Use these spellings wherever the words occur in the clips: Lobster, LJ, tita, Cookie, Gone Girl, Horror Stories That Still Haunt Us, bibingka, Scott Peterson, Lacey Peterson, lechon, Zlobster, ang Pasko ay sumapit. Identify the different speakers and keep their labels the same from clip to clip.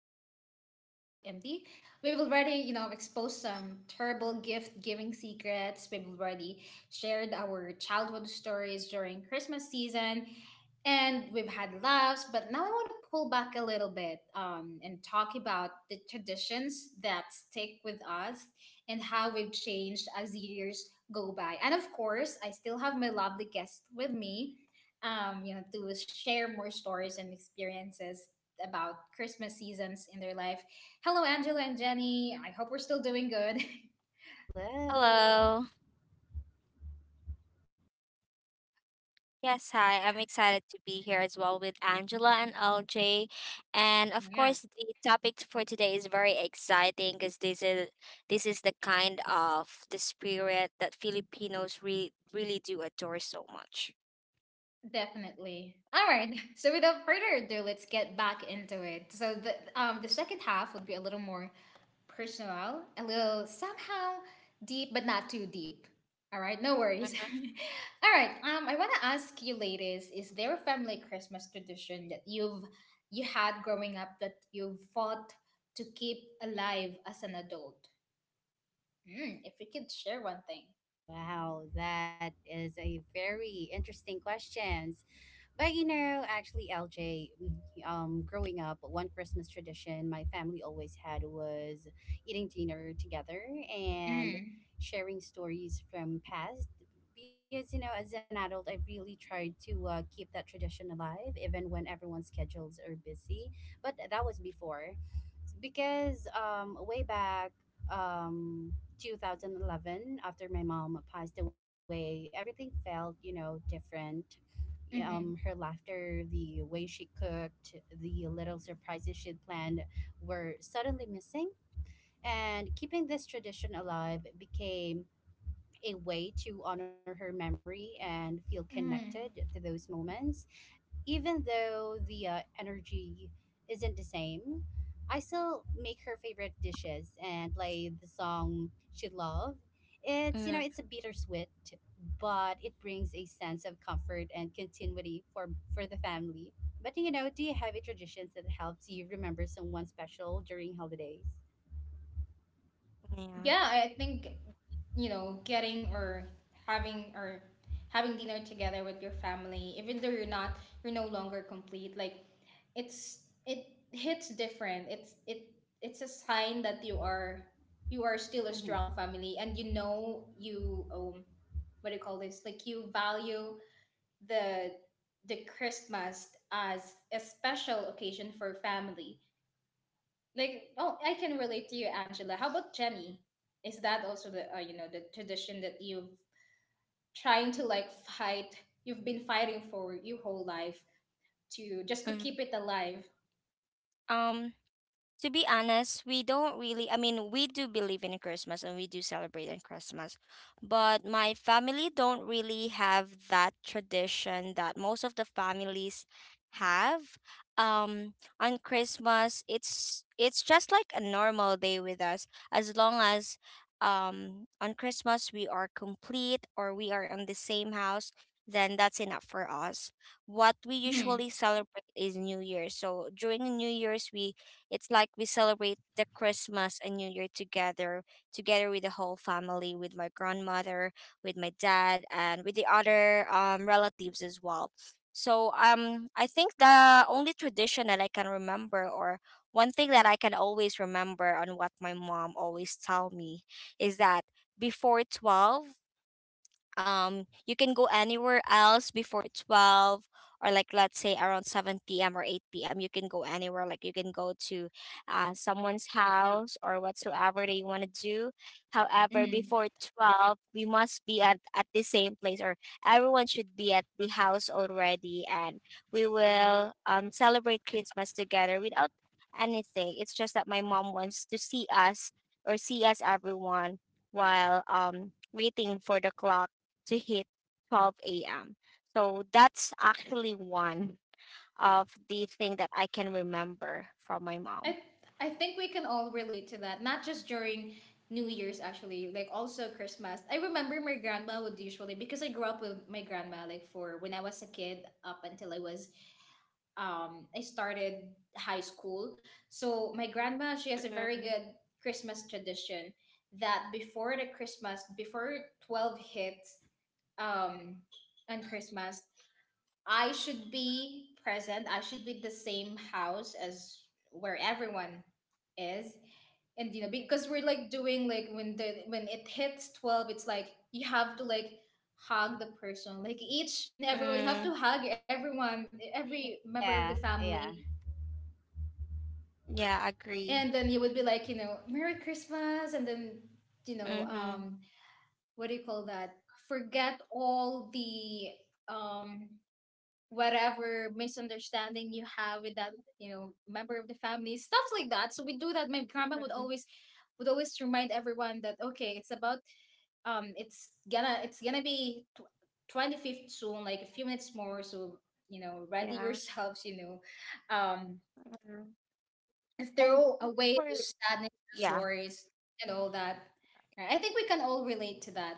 Speaker 1: is officially half empty. We've already exposed some terrible gift giving secrets. We've already shared our childhood stories during Christmas season, and we've had laughs. But now I want to pull back a little bit and talk about the traditions that stick with us and how we've changed as years go by. And of course, I still have my lovely guest with me, to share more stories and experiences about Christmas seasons in their life. Hello, Angela and Jenny. I hope we're still doing good.
Speaker 2: Hello.
Speaker 3: Hello.
Speaker 2: Yes, hi. I'm
Speaker 1: Yeah.
Speaker 2: excited to be here as well with Angela and LJ. And of
Speaker 1: Yeah,
Speaker 2: course, the topic for today is very exciting because this is the kind of the spirit that Filipinos really do adore so much.
Speaker 1: definitely. All right. So without further ado, let's get back into it. So the second half would be a little more personal, a little somehow deep, but not too deep. All right, no worries. All right, I want to ask you, ladies, is there a family Christmas tradition that you had growing up that you have fought to keep alive as an adult? If we could share one thing.
Speaker 3: Wow, that is a very interesting questions. But you know, actually, LJ, growing up, one Christmas tradition my family always had was eating dinner together and
Speaker 1: Mm,
Speaker 3: sharing stories from past. Because you know, as an adult, I really tried to keep that tradition alive, even when everyone's schedules are busy. But that was before. Because way back um 2011, after my mom passed away, everything felt, you know, different.
Speaker 1: mm-hmm,
Speaker 3: Her laughter, the way she cooked, the little surprises she planned were suddenly missing, and keeping this tradition alive became a way to honor her memory and feel
Speaker 1: mm.
Speaker 3: connected to those moments. Even though the energy isn't the same, I still make her favorite dishes and play the song she loved. It's, you
Speaker 2: Hmm.
Speaker 3: know, it's a bittersweet, but it brings a sense of comfort and continuity for the family. But you know, do you have a traditions that helps you remember someone special during holidays?
Speaker 2: Yeah.
Speaker 1: Yeah, I think getting or having or having dinner together with your family, even though you're no longer complete. Like, it hits different. It's a sign that you are still a
Speaker 3: Mm-hmm.
Speaker 1: strong family. And you know you what do you call this, like you value the the Christmas as a special occasion for family. Like, oh, I can relate to you, Angela. How about Jenny? Is that also the the tradition that you've trying to like fight? You've been fighting for your whole life to just to
Speaker 2: Mhm.
Speaker 1: keep it alive.
Speaker 2: Um, to be honest, we don't really, I mean, we do believe in Christmas and we do celebrate in Christmas, but my family don't really have that tradition that most of the families have. Um, on Christmas, it's just like a normal day with us, as long as on Christmas we are complete or we are in the same house, then that's enough for us. What we
Speaker 1: Hmm.
Speaker 2: usually celebrate is New Year. So during New Year's we it's like we celebrate the Christmas and New Year together, together with the whole family, with my grandmother, with my dad, and with the other relatives as well. So I think the only tradition that I can remember, or one thing that I can always remember on what my mom always tell me, is that before 12, you can go anywhere else before 12, or like let's say around 7 p.m or 8 p.m you can go anywhere, like you can go to someone's house or whatsoever that you want to do. However,
Speaker 1: Hmm.
Speaker 2: before 12 we must be at the same place, or everyone should be at the house already, and we will celebrate Christmas together without anything. It's just that my mom wants to see us, or see us everyone, while waiting for the clock to hit 12 a.m. So that's actually one of the thing that I can remember from my mom.
Speaker 1: I I think we can all relate to that. Not just during New Year's, actually, like also Christmas. I remember my grandma would usually, because I grew up with my grandma, like for when I was a kid up until I started high school. So my grandma, she has a very
Speaker 2: Mm-hmm.
Speaker 1: good Christmas tradition that before the Christmas, before 12 hits um, on Christmas, I should be present. I should be the same house as where everyone is. And because we're like doing like when the when it hits 12, it's like you have to like hug the person, like each and everyone. You have to
Speaker 2: Mm-hmm.
Speaker 1: hug everyone, every member
Speaker 3: Yeah,
Speaker 1: of the
Speaker 3: yeah.
Speaker 1: family.
Speaker 2: Yeah, agree.
Speaker 1: And then you would be like, "Merry Christmas," and then you know
Speaker 2: Mm-hmm.
Speaker 1: um what do you call that, forget all the um whatever misunderstanding you have with that member of the family, stuff like that. So we do that. My grandma would
Speaker 2: Mm-hmm.
Speaker 1: always remind everyone that, okay, it's gonna be 25th soon, like a few minutes more. So ready
Speaker 2: Yeah.
Speaker 1: yourselves, um
Speaker 2: Mhm.
Speaker 1: and
Speaker 2: And
Speaker 1: throw
Speaker 2: even
Speaker 1: away
Speaker 2: for
Speaker 1: the sadness, those
Speaker 2: yeah,
Speaker 1: worries, and all that. Right? I think we can all relate to that.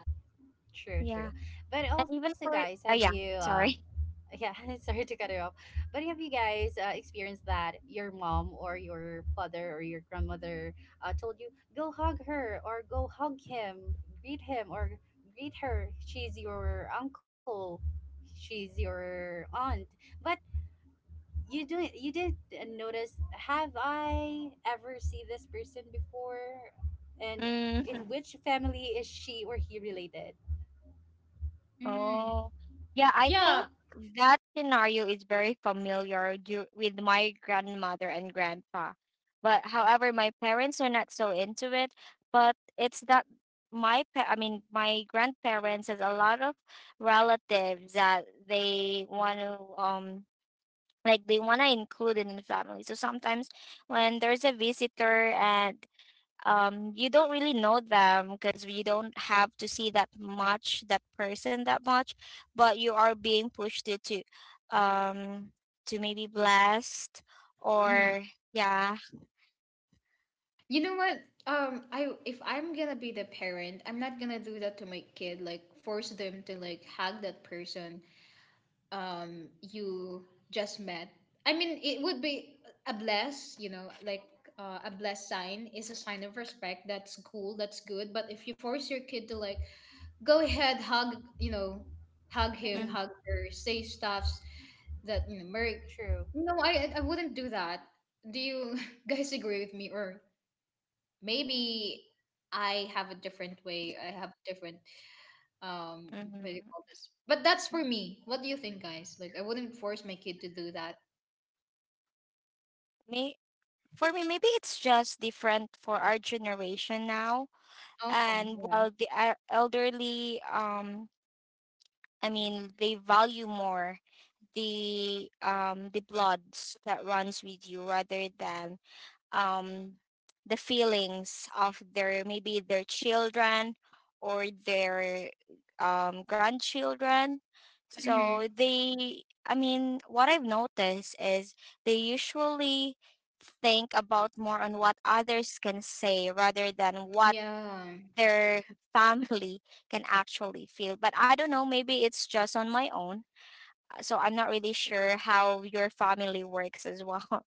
Speaker 3: True, true.
Speaker 2: yeah,
Speaker 3: But
Speaker 2: and
Speaker 3: also,
Speaker 2: even
Speaker 3: guys,
Speaker 2: for
Speaker 3: have you?
Speaker 2: yeah, sorry.
Speaker 3: Yeah, sorry to cut it off, but have you guys experienced that your mom or your father or your grandmother told you go hug her or go hug him, greet him or greet her? She's your uncle, she's your aunt, but you do you did notice, have I ever seen this person before, and in
Speaker 2: Mm-hmm.
Speaker 3: which family is she or he related?
Speaker 1: Mm.
Speaker 2: Oh, yeah, I think
Speaker 1: Yeah.
Speaker 2: that scenario is very familiar with my grandmother and grandpa. But however, my parents are not so into it. But it's that I mean, my grandparents has a lot of relatives that they want to um like they want to include in the family. So sometimes when there's a visitor and you don't really know them because you don't have to see that much that person that much, but you are being pushed to um to maybe blast
Speaker 1: Mm.
Speaker 2: or yeah.
Speaker 1: You know what? I If I'm gonna be the parent, I'm not gonna do that to my kid. Like, force them to like hug that person you just met. I mean, it would be a bless. You know, like. A bless sign is a sign of respect. That's cool. That's good. But if you force your kid to like go ahead, hug, hug him,
Speaker 2: Mm-hmm,
Speaker 3: Mm-hmm.
Speaker 1: hug her, say stuffs that Merc.
Speaker 3: True.
Speaker 1: No, I wouldn't do that. Do you guys agree with me, or maybe I have a different way? I have different um, what do you
Speaker 2: mm-hmm.
Speaker 1: call this? But that's for me. What do you think, guys? Like, I wouldn't force my kid to do that.
Speaker 2: Me For me, maybe it's just different for our generation now,
Speaker 1: Oh,
Speaker 2: and
Speaker 1: yeah.
Speaker 2: while the elderly I mean, they value more the bloods that runs with you rather than um, the feelings of their, maybe their children, or their grandchildren. So
Speaker 1: Hmm.
Speaker 2: they, I mean, what I've noticed is they usually think about more on what others can say rather than what
Speaker 1: Yeah.
Speaker 2: their family can actually feel. But I don't know, maybe it's just on my own. So I'm not really sure how your family works as well.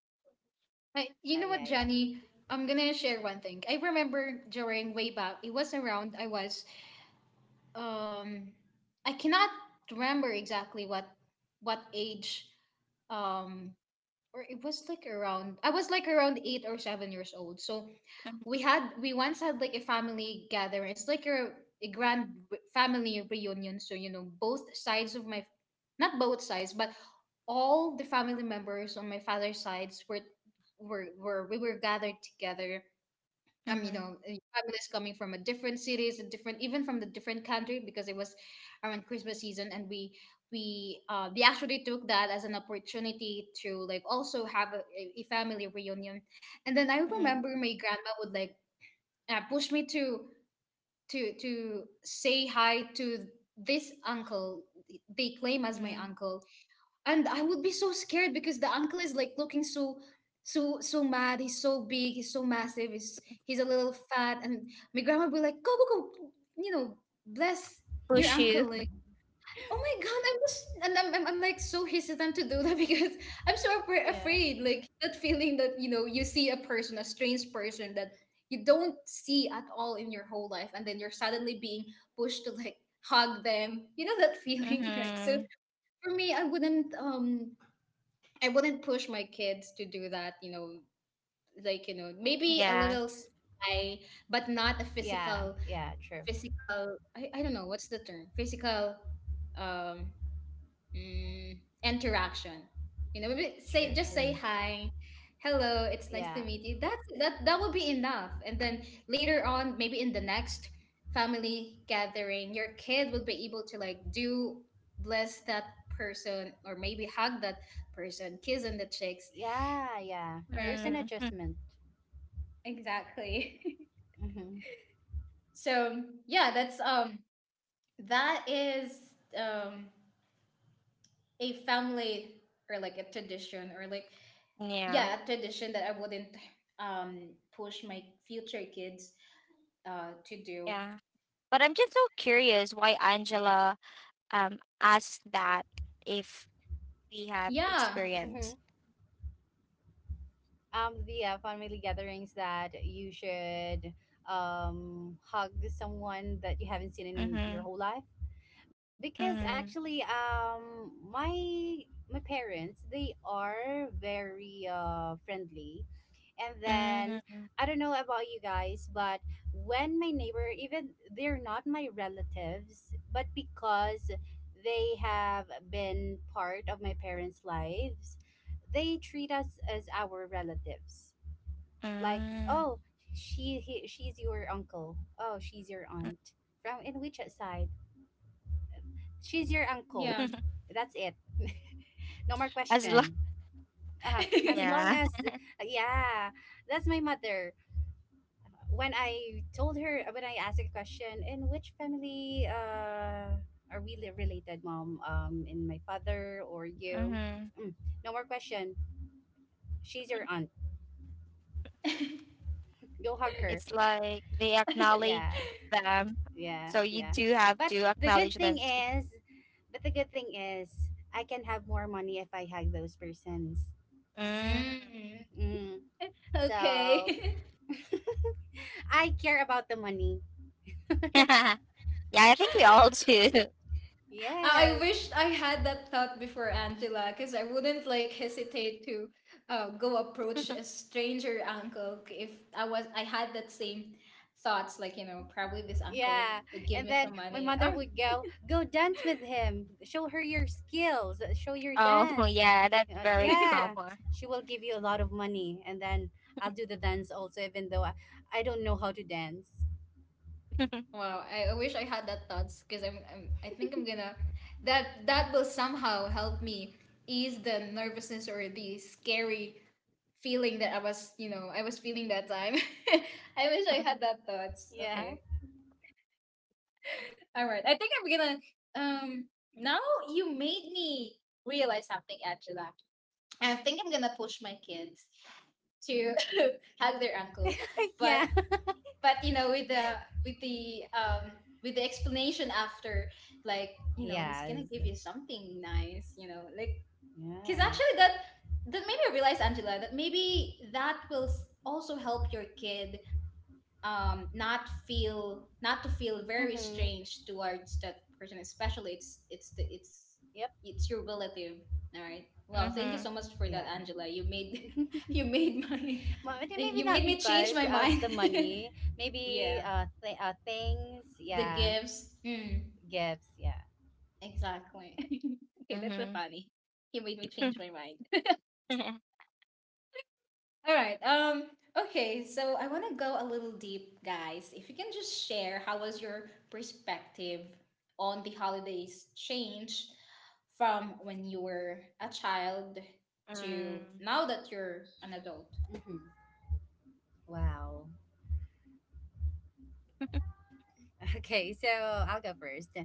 Speaker 1: I, you
Speaker 3: Yeah,
Speaker 1: know what,
Speaker 3: yeah,
Speaker 1: Johnny? I'm gonna share one thing. I remember during way back, it was around um I cannot remember exactly what age, um or it was like around I was like around 8 or 7 years old. So we once had like a family gathering. It's like a grand family reunion. So both sides of my not both sides, but all the family members on my father's sides were we were gathered together,
Speaker 2: Mhm,
Speaker 1: families coming from a different cities, a different, even from the different country, because it was around Christmas season, and we actually took that as an opportunity to like also have a family reunion. And then I
Speaker 2: mhm,
Speaker 1: remember my grandma would like push me to say hi to this uncle, they claim
Speaker 2: mm,
Speaker 1: as my
Speaker 2: mm.
Speaker 1: uncle, and I would be so scared because the uncle is like looking so mad. He's so big. He's so massive. He's a little fat, and my grandma would be like, "Go, go, go! You know, bless your
Speaker 2: Push you.
Speaker 1: uncle."
Speaker 3: yeah.
Speaker 1: Like, oh my god, I'm just and I'm like so hesitant to do that because I'm so
Speaker 3: Yeah,
Speaker 1: afraid. Like that feeling that you see a person, a strange person that you don't see at all in your whole life, and then you're suddenly being pushed to like hug them. You know that feeling, right? So
Speaker 2: Mhm.
Speaker 1: for me, I wouldn't push my kids to do that, you know, like, maybe a little
Speaker 2: Yes.
Speaker 1: sly, but not a
Speaker 3: yeah,
Speaker 1: physical,
Speaker 3: yeah. True,
Speaker 1: physical, I don't know, what's the term? Physical um, mm, interaction. You know, maybe say,
Speaker 3: true.
Speaker 1: just say
Speaker 3: True.
Speaker 1: hi, hello, it's nice to
Speaker 3: Yeah,
Speaker 1: meet you. That will be enough. And then later on, maybe in the next family gathering, your kid will be able to like do bless that person, or maybe hug that person, kiss on the cheeks.
Speaker 3: yeah, yeah, there's an
Speaker 1: Right.
Speaker 2: Mhm.
Speaker 3: adjustment.
Speaker 1: Exactly.
Speaker 3: Mm-hmm.
Speaker 1: So yeah, that is a family, or like a tradition, or like
Speaker 2: Yeah.
Speaker 1: yeah, a tradition that I wouldn't um push my future kids to do.
Speaker 2: Yeah. But I'm just so curious why Angela asked that, if we have
Speaker 1: Yeah.
Speaker 3: Mm-hmm.
Speaker 2: experience.
Speaker 3: The family gatherings that you should hug someone that you haven't seen in
Speaker 2: Mhm.
Speaker 3: your whole life. Because
Speaker 2: Mhm.
Speaker 3: actually, my parents, they are very friendly, and then
Speaker 2: Mhm.
Speaker 3: I don't know about you guys, but when my neighbor, even they're not my relatives, but because they have been part of my parents lives, they treat us as our relatives. Like,
Speaker 2: Mm.
Speaker 3: oh, she's your uncle, oh, she's your aunt, from in which side. She's your uncle.
Speaker 1: Yeah.
Speaker 3: That's it. No more
Speaker 2: As long
Speaker 3: question. As long
Speaker 2: yeah.
Speaker 3: as, yeah, that's my mother. When I told her, when I asked a question, in which family are we related, mom? In my father or you?
Speaker 2: Mhm.
Speaker 3: Mm, no more question. She's your aunt. Go hug her.
Speaker 2: It's like they acknowledge
Speaker 3: Yeah,
Speaker 2: them.
Speaker 3: yeah,
Speaker 2: So you
Speaker 3: yeah.
Speaker 2: do have
Speaker 3: But
Speaker 2: to
Speaker 3: the
Speaker 2: acknowledge
Speaker 3: good thing
Speaker 2: them too.
Speaker 3: is, but the good thing is, I can have more money if I hug those persons.
Speaker 2: Mm.
Speaker 1: mm,
Speaker 3: Mm. So
Speaker 1: okay.
Speaker 3: I care about the money.
Speaker 2: Yeah, I think we all do.
Speaker 1: I I
Speaker 3: Yes.
Speaker 1: wished I had that thought before, Angela, because I wouldn't like hesitate to go approach a stranger uncle if I had that same thoughts. Probably this uncle
Speaker 3: Yeah.
Speaker 1: would give
Speaker 3: And
Speaker 1: me
Speaker 3: then
Speaker 1: some
Speaker 3: my
Speaker 1: money.
Speaker 3: mother would go, go dance with him. Show her your skills. Show your
Speaker 2: Oh,
Speaker 3: dance.
Speaker 2: yeah, that's very
Speaker 3: Yeah.
Speaker 2: common.
Speaker 3: She will give you a lot of money. And then I'll do the dance also, even though I don't know how to dance.
Speaker 1: Oh wow! I wish I had that thoughts, because I think I'm gonna that will somehow help me ease the nervousness or the scary feeling that I was feeling that time. I wish I
Speaker 2: Mhm.
Speaker 1: had that thoughts.
Speaker 3: Yeah.
Speaker 1: Okay. All right. I think I'm gonna. Um. Now you made me realize something, Angela. I think I'm gonna push my kids to hug their uncle, but
Speaker 3: Yeah.
Speaker 1: you know, with with the um the explanation after, like he's
Speaker 3: Yes.
Speaker 1: gonna give you something nice, because
Speaker 3: Yeah.
Speaker 1: actually that made me realize, Angela, that maybe that will also help your kid not to feel very
Speaker 3: Mm-hmm.
Speaker 1: strange towards that person, especially it's
Speaker 3: Yep.
Speaker 1: it's your relative. All right, wow, thank you so much for
Speaker 3: Yeah.
Speaker 1: that, Angela. You made, you made my,
Speaker 3: But maybe
Speaker 1: you
Speaker 3: not
Speaker 1: made me change
Speaker 3: because
Speaker 1: my
Speaker 3: of
Speaker 1: mind.
Speaker 3: the money. Maybe
Speaker 1: Yeah,
Speaker 3: things.
Speaker 1: the
Speaker 3: Yeah.
Speaker 1: gifts.
Speaker 3: Gifts, yeah.
Speaker 1: Exactly. Okay,
Speaker 2: Mhm.
Speaker 1: that's so
Speaker 2: Mhm.
Speaker 1: funny. He made me change my mind.
Speaker 2: Mm.
Speaker 1: All right. Okay. So I want to go a little deep, guys. If you can just share, how was your perspective on the holidays change from when you were a child to now that you're an adult?
Speaker 3: hmm Wow. Okay, so I'll go first.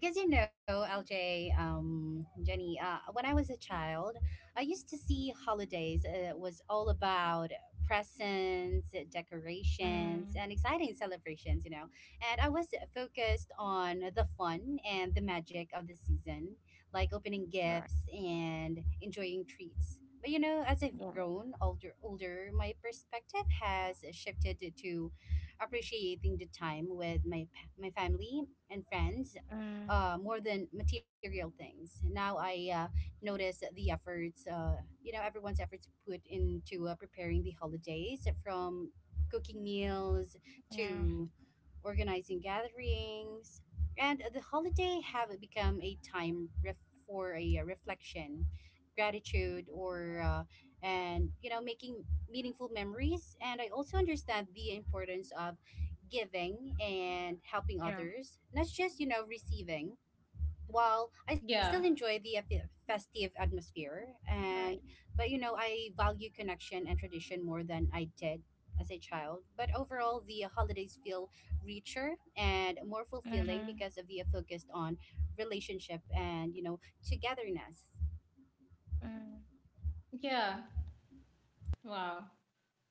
Speaker 3: Because you know, LJ, Jenny, when I was a child, I used to see holidays was all about presents, decorations,
Speaker 2: Mm.
Speaker 3: and exciting celebrations, you know. And I was focused on the fun and the magic of the season, like opening
Speaker 2: Right.
Speaker 3: gifts and enjoying treats. But you know, as I've
Speaker 2: Yeah.
Speaker 3: grown older, my perspective has shifted to appreciating the time with my my family and friends,
Speaker 2: Mm.
Speaker 3: more than material things. Now I notice the you know, everyone's efforts put into preparing the holidays, from cooking meals
Speaker 2: Yeah.
Speaker 3: to organizing gatherings. And the holiday have become a time ref- for a reflection, gratitude, or and you know making meaningful memories. And I also understand the importance of giving and helping
Speaker 2: Yeah.
Speaker 3: others, not just you know receiving, while I still
Speaker 1: Yeah.
Speaker 3: enjoy the festive atmosphere, and
Speaker 2: Right.
Speaker 3: but you know I value connection and tradition more than I did as a child. But overall, the holidays feel richer and more fulfilling
Speaker 2: Mhm.
Speaker 3: because of the focused on relationship and you know togetherness.
Speaker 2: Mm.
Speaker 1: Yeah. Wow.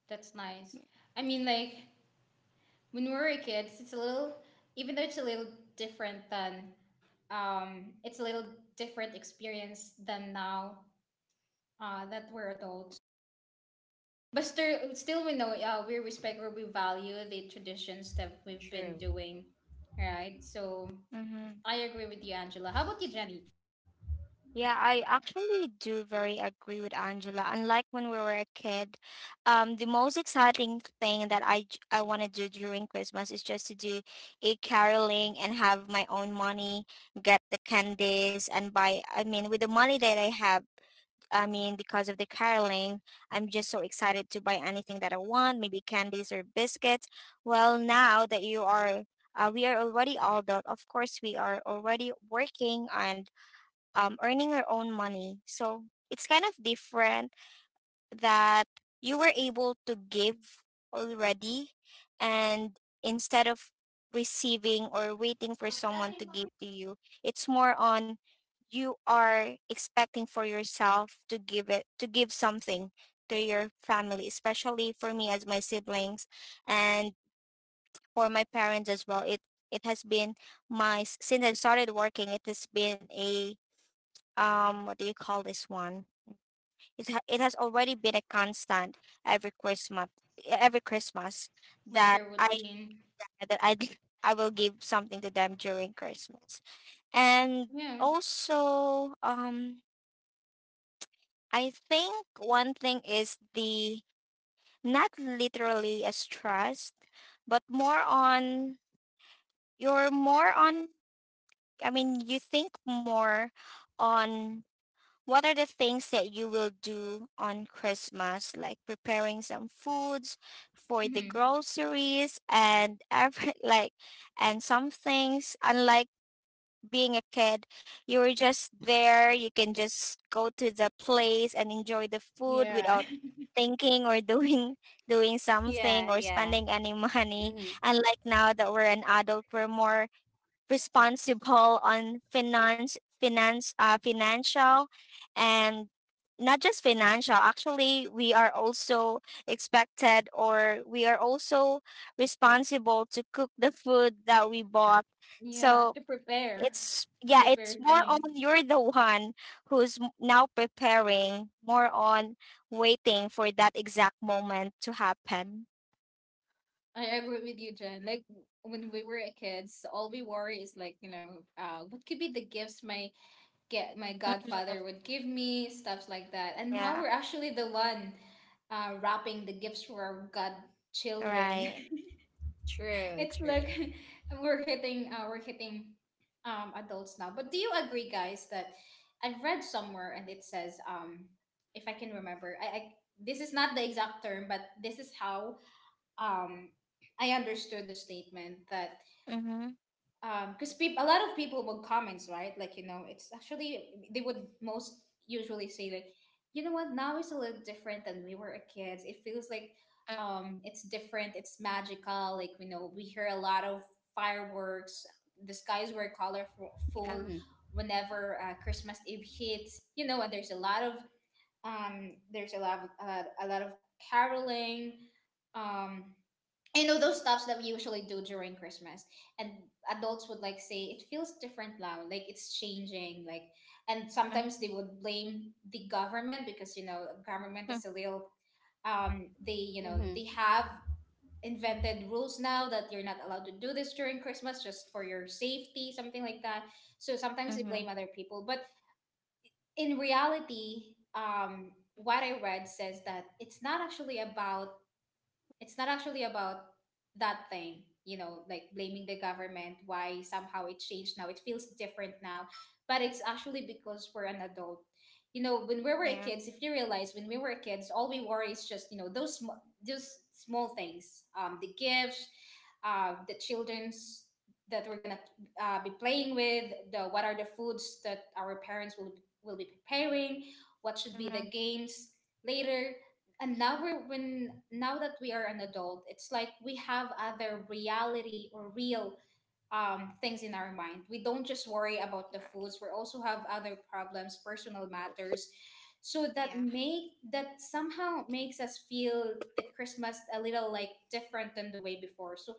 Speaker 1: That's nice. I mean, like, when we were kids, it's a little, even though it's a little different than, it's a little different experience than now. That we're adults. But still we know, we respect or we value the traditions that we've been
Speaker 3: True.
Speaker 1: doing, right? So
Speaker 2: Mm-hmm.
Speaker 1: I agree with you, Angela. How about you, Jenny?
Speaker 2: Yeah, I actually do very agree with Angela. Unlike when we were a kid, the most exciting thing that I want to do during Christmas is just to do a caroling and have my own money, get the candies, and buy. I mean, with the money that I have, I mean, because of the caroling, I'm just so excited to buy anything that I want, maybe candies or biscuits. Well, now that you are, we are already adult. Of course, we are already working and earning our own money. So it's kind of different, that you were able to give already and instead of receiving or waiting for someone to give to you, it's more on you are expecting for yourself to give, it to give something to your family, especially for me as my siblings, and for my parents as well. It has been my since I started working it has been a what do you call this one, it, it has already been a constant every Christmas, every Christmas
Speaker 1: Like
Speaker 2: that
Speaker 1: your
Speaker 2: I
Speaker 1: routine?
Speaker 2: that I will give something to them during Christmas. And
Speaker 1: Yeah.
Speaker 2: also, I think one thing is the not literally as trust, but more on you're more on. I mean, you think more on what are the things that you will do on Christmas, like preparing some foods for the
Speaker 1: Hmm.
Speaker 2: groceries and every, like, and some things unlike being a kid, you were just there, you can just go to the place and enjoy the food
Speaker 1: Yeah.
Speaker 2: without thinking or doing
Speaker 3: Yeah,
Speaker 2: something or
Speaker 3: yeah.
Speaker 2: spending any money.
Speaker 3: Mm-hmm.
Speaker 2: Unlike now that we're an adult, we're more responsible on financial, and not just financial. Actually, we are also expected, or we are also responsible to cook the food that we bought.
Speaker 1: Yeah.
Speaker 2: So
Speaker 1: To prepare,
Speaker 2: it's,
Speaker 1: to
Speaker 2: yeah, it's
Speaker 1: prepare
Speaker 2: more on
Speaker 1: things.
Speaker 2: you're the one now preparing, more on waiting for that exact moment to happen.
Speaker 1: I agree with you, Jen. Like when we were kids, all we worry is like, you know, what could be the gifts my get my
Speaker 2: Mhm.
Speaker 1: godfather would give me, stuff like that. And now
Speaker 2: Yeah,
Speaker 1: we're actually the one wrapping the gifts for our godchildren.
Speaker 2: right.
Speaker 3: True,
Speaker 1: It's
Speaker 3: true.
Speaker 1: like we're hitting adults now. But do you agree, guys, that I've read somewhere and it says, if I can remember, I this is not the exact term, but this is how um, I understood the statement that
Speaker 2: Mm-hmm.
Speaker 1: because people a lot of people will comments, right? Like, you know, it's actually they would most usually say like, you know what, now it's a little different than we were kids. It feels like,
Speaker 2: Mm,
Speaker 1: it's different, it's magical. Like, you know, we hear a lot of fireworks, the skies were
Speaker 2: yeah.
Speaker 1: colorful
Speaker 3: Mm-hmm.
Speaker 1: whenever Christmas Eve hits, you know, and there's a lot of there's a lot of caroling, um you know, those stuffs that we usually do during Christmas. And adults would like say it feels different now, like it's changing. Like, and
Speaker 2: Mm-hmm.
Speaker 1: sometimes they would blame the government because, you know, government is a little they, you know, they
Speaker 3: Mm-hmm.
Speaker 1: have invented rules now that you're not allowed to do this during Christmas just for your safety, something like that. So sometimes they
Speaker 2: Mm-hmm.
Speaker 1: blame other people, but in reality, what I read says that it's not actually about that thing, you know, like blaming the government why somehow it changed now, it feels different now. But it's actually because we're an adult. You know, when we were
Speaker 2: Yeah.
Speaker 1: kids, if you realize, when we were kids, all we worry is just, you know, those those small things, um, the gifts, the children's that we're gonna be playing with, the what are the foods that our parents will be preparing, what should be
Speaker 2: Mm-hmm.
Speaker 1: the games later. And now we're when now that we are an adult, it's like we have other reality or real things in our mind. We don't just worry about the
Speaker 2: Right.
Speaker 1: foods, we also have other problems, personal matters. So that
Speaker 2: Yeah.
Speaker 1: make that somehow makes us feel the Christmas a little like different than the way before. So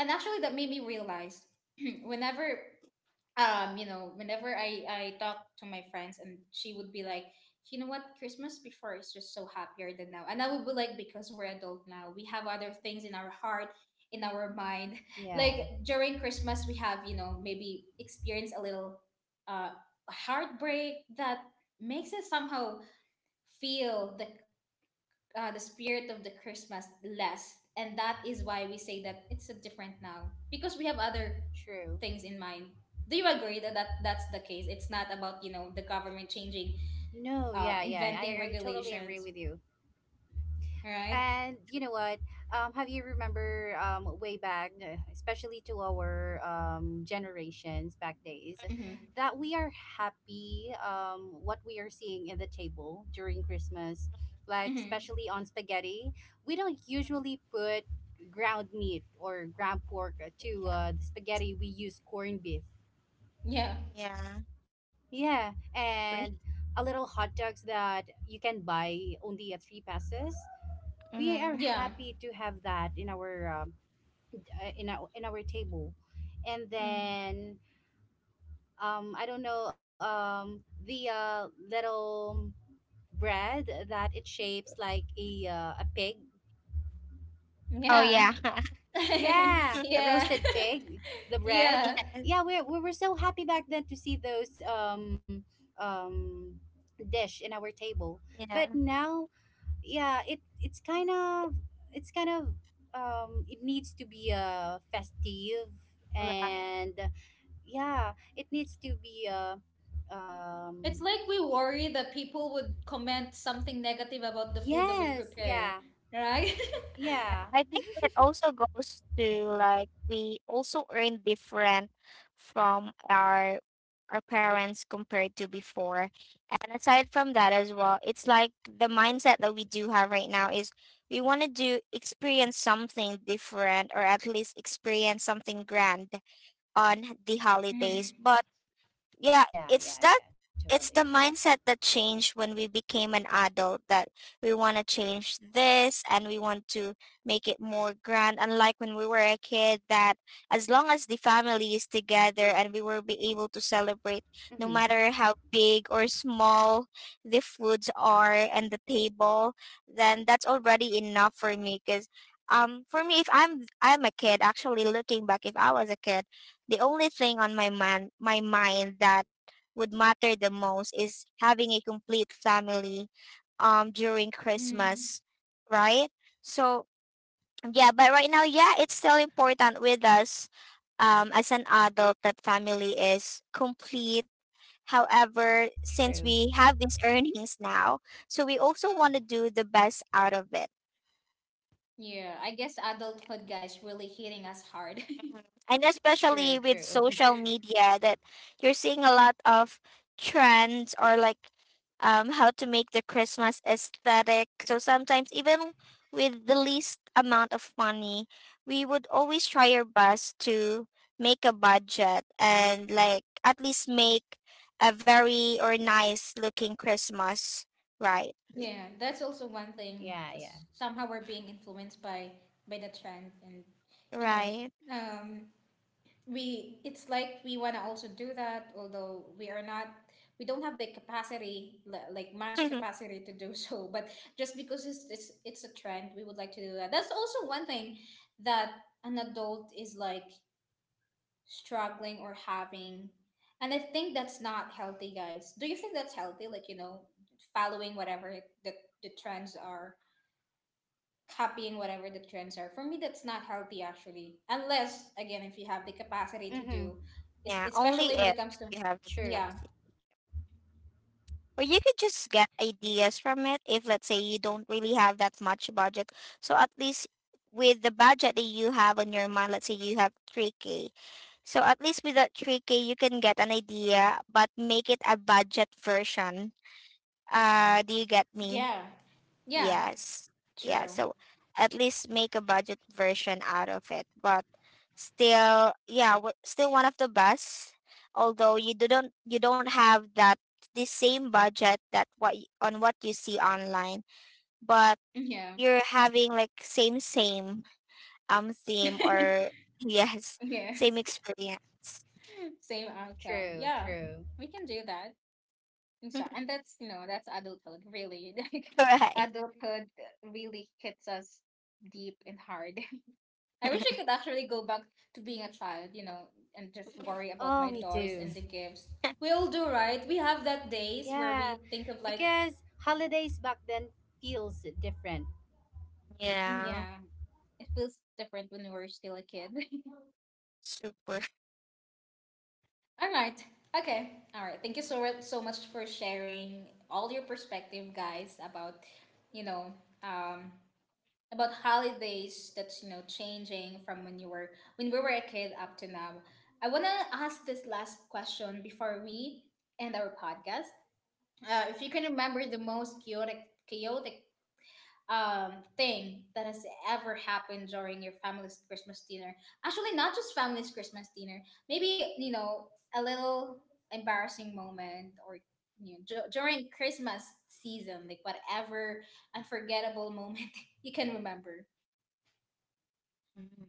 Speaker 1: and actually that made me realize, whenever you know, whenever I talk to my friends and she would be like, you know what, Christmas before is just so happier than now. And I would be like, because we're adult now, we have other things in our heart, in our mind.
Speaker 3: Yeah.
Speaker 1: Like, during Christmas we have, you know, maybe experience a little uh heartbreak that makes us somehow feel the spirit of the Christmas less, and that is why we say that it's a different now, because we have other
Speaker 3: True.
Speaker 1: things in mind. Do you agree that that that's the case? It's not about, you know, the government changing,
Speaker 3: No, yeah, yeah
Speaker 1: inventing
Speaker 3: I, I totally agree
Speaker 1: regulations,
Speaker 3: with you.
Speaker 1: right?
Speaker 3: And you know what? Have you remember way back, especially to our generations back days,
Speaker 1: Mm-hmm.
Speaker 3: that we are happy what we are seeing in the table during Christmas, like
Speaker 1: Mm-hmm.
Speaker 3: especially on spaghetti. We don't
Speaker 2: Mm.
Speaker 3: usually put ground meat or ground pork to
Speaker 2: Yeah.
Speaker 3: the spaghetti. We use corned beef.
Speaker 1: Yeah.
Speaker 2: Yeah.
Speaker 3: Yeah,
Speaker 2: Agree.
Speaker 3: and a little hot dogs that you can buy only at three passes, we are
Speaker 2: Mm-hmm.
Speaker 1: Yeah.
Speaker 3: happy to have that in our in our table. And
Speaker 2: Mm.
Speaker 3: then I don't know, the little bread that it shapes like a pig.
Speaker 2: Oh
Speaker 1: Yeah.
Speaker 2: yeah.
Speaker 3: Yeah, a
Speaker 1: Yeah.
Speaker 3: roasted pig, the bread.
Speaker 1: Yeah.
Speaker 2: Yeah.
Speaker 3: Yeah, we were so happy back then to see those um dish in our table. But
Speaker 2: Yeah.
Speaker 3: now, yeah, it's kind of, it's kind of, it needs to be festive
Speaker 2: Right.
Speaker 3: and yeah, it needs to be um
Speaker 1: It's like we worry that people would comment something negative about the food that we
Speaker 3: yes.
Speaker 1: prepare,
Speaker 3: Yeah,
Speaker 1: right?
Speaker 2: Yeah.
Speaker 3: yeah,
Speaker 2: I think it also goes to, like, we also earn different from our parents compared to before. And aside from that as well, it's like the mindset that we do have right now is we want to do, experience something different, or at least experience something grand on the holidays.
Speaker 1: Mm-hmm.
Speaker 2: But yeah,
Speaker 3: yeah,
Speaker 2: it's
Speaker 3: yeah,
Speaker 2: that,
Speaker 3: yeah, totally
Speaker 2: it's the mindset that changed when we became an adult, that we want to change this and we want to make it more grand, unlike when we were a kid that as long as the family is together and we will be able to celebrate, no
Speaker 3: agree. Mm-hmm.
Speaker 2: matter how big or small the foods are and the table, then that's already enough for me. Because for me if I'm a kid, actually looking back, if I was a kid, the only thing on my mind that would matter the most is having a complete family during
Speaker 1: Mm-hmm.
Speaker 2: Christmas, right? So yeah, but right now, yeah, it's still important with us as an adult that family is complete. However, since
Speaker 3: True,
Speaker 2: we have these earnings now, so we also want to do the best out of it.
Speaker 1: Yeah, I guess adulthood, guys, really hitting us hard.
Speaker 2: Mhm. And
Speaker 3: true.
Speaker 2: especially with
Speaker 3: True.
Speaker 2: social media, that you're seeing a lot of trends, or like, how to make the Christmas aesthetic. So sometimes, even with the least amount of money, we would always try our best to make a budget and, like, at least make a very or nice looking Christmas. Right,
Speaker 1: Yeah, that's also one thing.
Speaker 3: Yeah, yeah.
Speaker 1: Just somehow we're being influenced by the trend, and you know,
Speaker 2: right.
Speaker 1: um, we it's like we want to also do that, although we are not, we don't have the capacity, like much capacity to do so. But just because it's a trend, we would like to do that. That's also one thing that an adult is like struggling or having. And I think that's not healthy, guys. Do you think that's healthy, like, you know, following whatever the, the trends are, copying whatever the trends are? For me, that's not healthy actually, unless again, if you have the capacity to do,
Speaker 3: Mm-hmm.
Speaker 2: Yeah, only
Speaker 1: especially when
Speaker 2: if
Speaker 1: it comes to
Speaker 2: you have the
Speaker 3: True,
Speaker 1: yeah.
Speaker 2: capacity. Or you could just get ideas from it. If let's say you don't really have that much budget, so at least with the budget that you have on your mind, let's say you have 3K, so at least with that 3K you can get an idea but make it a budget version. Do you get me?
Speaker 1: Yeah, yeah,
Speaker 2: Yes. Yeah.
Speaker 1: true,
Speaker 2: So at least make a budget version out of it. But still, yeah, still one of the best. Although you do not, you don't have that the same budget that, on what you see online, but
Speaker 1: yeah.
Speaker 2: you're having like same
Speaker 1: Yes.
Speaker 2: theme, or yes, same experience.
Speaker 1: Same outcome,
Speaker 3: true.
Speaker 1: yeah,
Speaker 3: True.
Speaker 1: we can do that. I'm sorry. And that's, you know, that's adulthood, really. Like,
Speaker 2: Right.
Speaker 1: adulthood really hits us deep and hard. I wish I could actually go back to being a child, you know, and just worry about
Speaker 3: Oh,
Speaker 1: my
Speaker 3: me
Speaker 1: toys
Speaker 3: too.
Speaker 1: and the gifts. We all do, right? We have that days where
Speaker 3: Yeah,
Speaker 1: we think of like,
Speaker 3: because holidays back then feels different.
Speaker 2: Yeah.
Speaker 1: yeah, it feels different when we were still a kid.
Speaker 2: Super.
Speaker 1: All right. Okay, all right. Thank you so so much for sharing all your perspective, guys, about, you know, um, about holidays, that's, you know, changing from when you were when we were a kid up to now. I want to ask this last question before we end our podcast. If you can remember the most chaotic thing that has ever happened during your family's Christmas dinner, actually not just family's Christmas dinner, maybe, you know, a little embarrassing moment, or, you know, during Christmas season, like, whatever unforgettable moment you can remember.
Speaker 2: Mhm.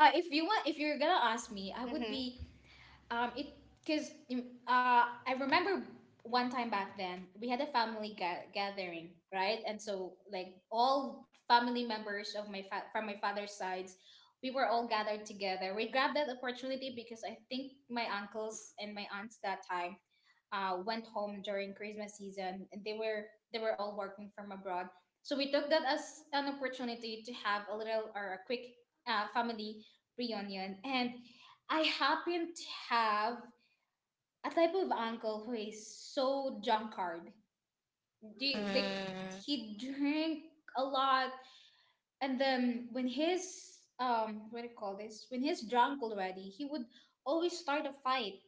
Speaker 1: If you want, if you're gonna ask me, I would
Speaker 3: Mm-hmm.
Speaker 1: be it because I remember one time back then we had a family gathering, right? And so like all family members of my from my father's sides, we were all gathered together. We grabbed that opportunity because I think my uncles and my aunts that time went home during Christmas season, and they were all working from abroad. So we took that as an opportunity to have a little or a quick family reunion, and I happen to have a type of uncle who is so drunkard. Do you- like
Speaker 2: Mm.
Speaker 1: he drank a lot, and then when he's what do you call this? When he's drunk already, he would always start a fight,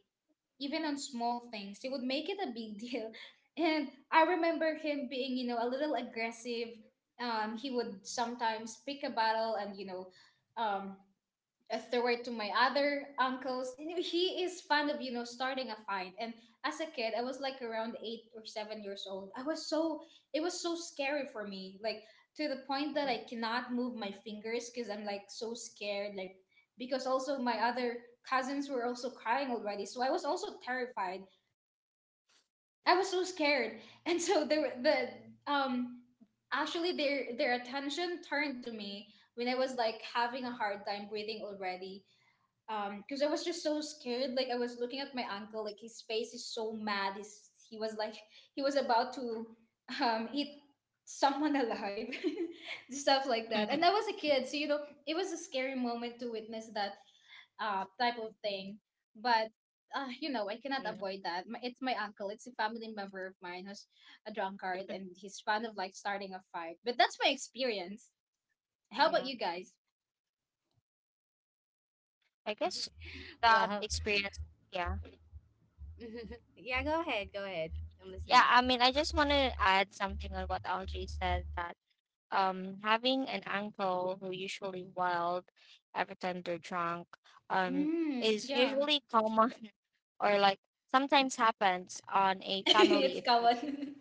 Speaker 1: even on small things. He would make it a big deal, and I remember him being, you know, a little aggressive. He would sometimes pick a battle and, you know, um as the way to my other uncles. You know, he is fond of, you know, starting a fight. And as a kid, I was like around 8 or 7 years old. I was so, it was so scary for me. Like, to the point that I cannot move my fingers because I'm like so scared. Like, because also my other cousins were also crying already, so I was also terrified. I was so scared. And so there were the, um, actually their attention turned to me when I was like having a hard time breathing already, because I was just so scared, like I was looking at my uncle, like his face is so mad. He was like he was about to eat someone alive, stuff like that, and I was a kid, so, you know, it was a scary moment to witness that type of thing. But you know, I cannot avoid that. It's my uncle, it's a family member of mine who's a drunkard and he's fond of like starting a fight. But that's my experience. How about
Speaker 2: Yeah,
Speaker 1: you guys?
Speaker 2: I guess that
Speaker 3: Wow.
Speaker 2: experience, yeah.
Speaker 3: Yeah, go ahead, go ahead. I'm
Speaker 2: Yeah,
Speaker 3: listening.
Speaker 2: I mean, I just want to add something on what Algie said, that having an uncle who usually wild every time they're drunk um
Speaker 1: Mm,
Speaker 2: is
Speaker 1: yeah.
Speaker 2: usually common, or like, sometimes happens on a family
Speaker 1: It's
Speaker 2: event
Speaker 1: common.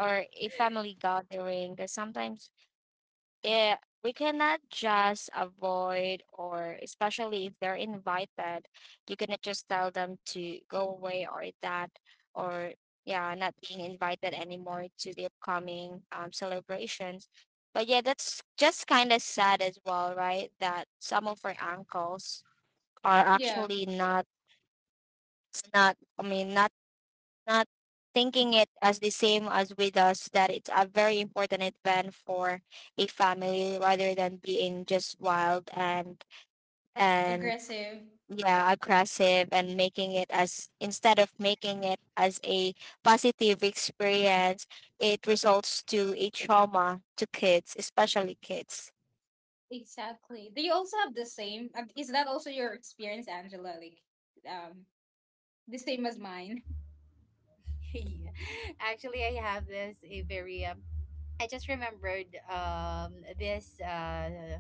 Speaker 2: or a family gathering, because sometimes we cannot just avoid, or especially if they're invited, you cannot just tell them to go away, or that, or yeah, not being invited anymore to the upcoming, celebrations. But yeah, that's just kind of sad as well, right, that some of our uncles are
Speaker 1: Yeah,
Speaker 2: actually not, I mean, not thinking it as the same as with us, that it's a very important event for a family, rather than being just wild, and and
Speaker 1: aggressive.
Speaker 2: yeah, aggressive, and making it as instead of making it as a positive experience, it results to a trauma to kids, especially kids.
Speaker 1: Exactly. Do you also have the same? Um, is that also your experience, Angela? Like, um, the same as mine.
Speaker 3: Yeah. Actually, I have this a very I just remembered, this uh,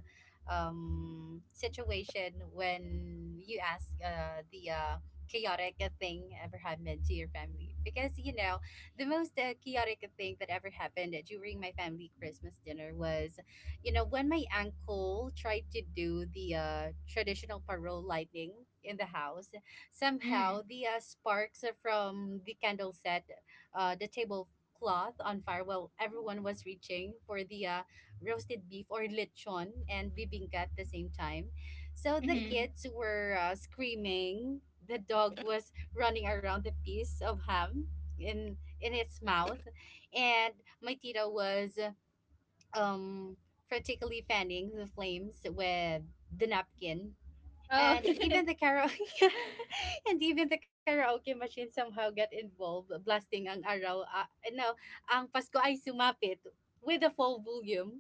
Speaker 3: um, situation when you ask the chaotic thing ever happened to your family. Because, you know, the most chaotic thing that ever happened during my family Christmas dinner was, you know, when my uncle tried to do the traditional parole lighting in the house, somehow
Speaker 1: Mm.
Speaker 3: the sparks from the candle set the table cloth on fire while everyone was reaching for the roasted beef or lechon and bibingka at the same time. So the
Speaker 1: Mm-hmm.
Speaker 3: kids were screaming. The dog was running around the piece of ham in its mouth, and my tita was um practically fanning the flames with the napkin,
Speaker 1: Oh.
Speaker 3: and even the karaoke and even the karaoke machine somehow got involved, blasting ang araw, no, ang Pasko ay sumapit, with the full volume.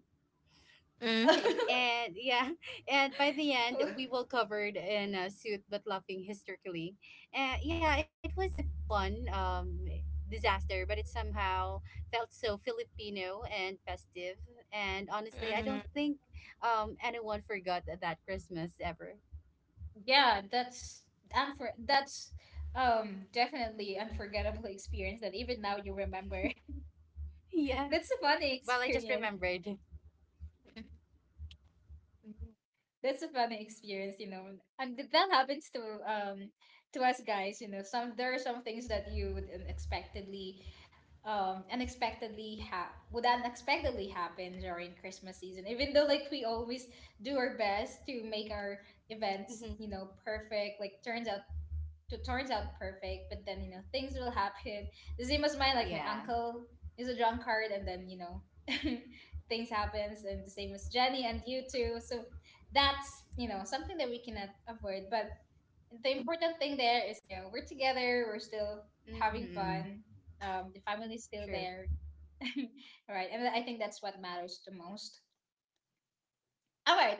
Speaker 2: Mm.
Speaker 3: And yeah, and by the end
Speaker 1: Oh,
Speaker 3: we were covered in a suit but laughing hysterically. Yeah, it was a fun disaster, but it somehow felt so Filipino and festive, and honestly I
Speaker 2: Mm.
Speaker 3: don't think anyone forgot that Christmas ever.
Speaker 1: yeah, that's definitely unforgettable experience that even now you remember.
Speaker 3: Yeah.
Speaker 1: That's a funny
Speaker 3: Well, I just
Speaker 1: experience.
Speaker 3: remembered.
Speaker 1: That's a funny experience, you know. And that happens to us, guys, you know. Some There are some things that you would unexpectedly unexpectedly ha- would unexpectedly happen during Christmas season, even though like we always do our best to make our events, you
Speaker 3: Mm-hmm.
Speaker 1: know, perfect, like turns out to turns out perfect. But then, you know, things will happen the same as mine, like my
Speaker 3: Yeah.
Speaker 1: uncle is a drunkard and then, you know, things happens, and the same as Jenny, and you too. So that's, you know, something that we cannot avoid, but the important thing there is, you know, we're together, we're still having
Speaker 3: Mm-hmm.
Speaker 1: fun, um, the family's still
Speaker 3: True.
Speaker 1: there. All right, and I think that's what matters the most. All right.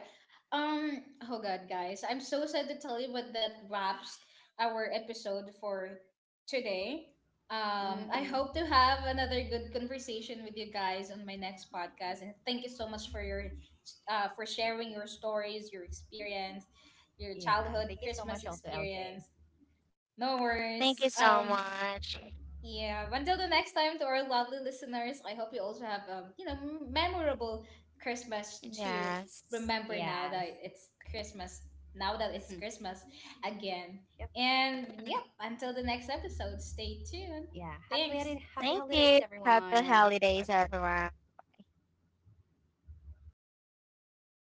Speaker 1: Um, oh god, guys, I'm so sad to tell you, but that wraps our episode for today. Um, I hope to
Speaker 3: Mm-hmm.
Speaker 1: have another good conversation with you guys on my next podcast, and thank you so much for your for sharing your stories, your experience, your childhood
Speaker 3: Yeah. Thank you
Speaker 1: Christmas
Speaker 3: so much, also,
Speaker 1: experience.
Speaker 3: LJ.
Speaker 1: No
Speaker 2: Thank you
Speaker 1: worries.
Speaker 2: so much.
Speaker 1: Yeah. Until the next time, to our lovely listeners, I hope you also have, you know, memorable Christmas to
Speaker 2: Yes,
Speaker 1: remember now that
Speaker 3: Yes.
Speaker 1: it's Christmas. Now that it's
Speaker 3: Mm-hmm.
Speaker 1: Christmas again.
Speaker 3: Yep.
Speaker 1: And yep. Until the next episode, stay tuned.
Speaker 3: Yeah. Happy,
Speaker 1: Thanks.
Speaker 3: happy
Speaker 2: thank
Speaker 3: holidays,
Speaker 2: you, happy
Speaker 3: everyone. Bye
Speaker 2: holidays,
Speaker 3: for
Speaker 2: everyone.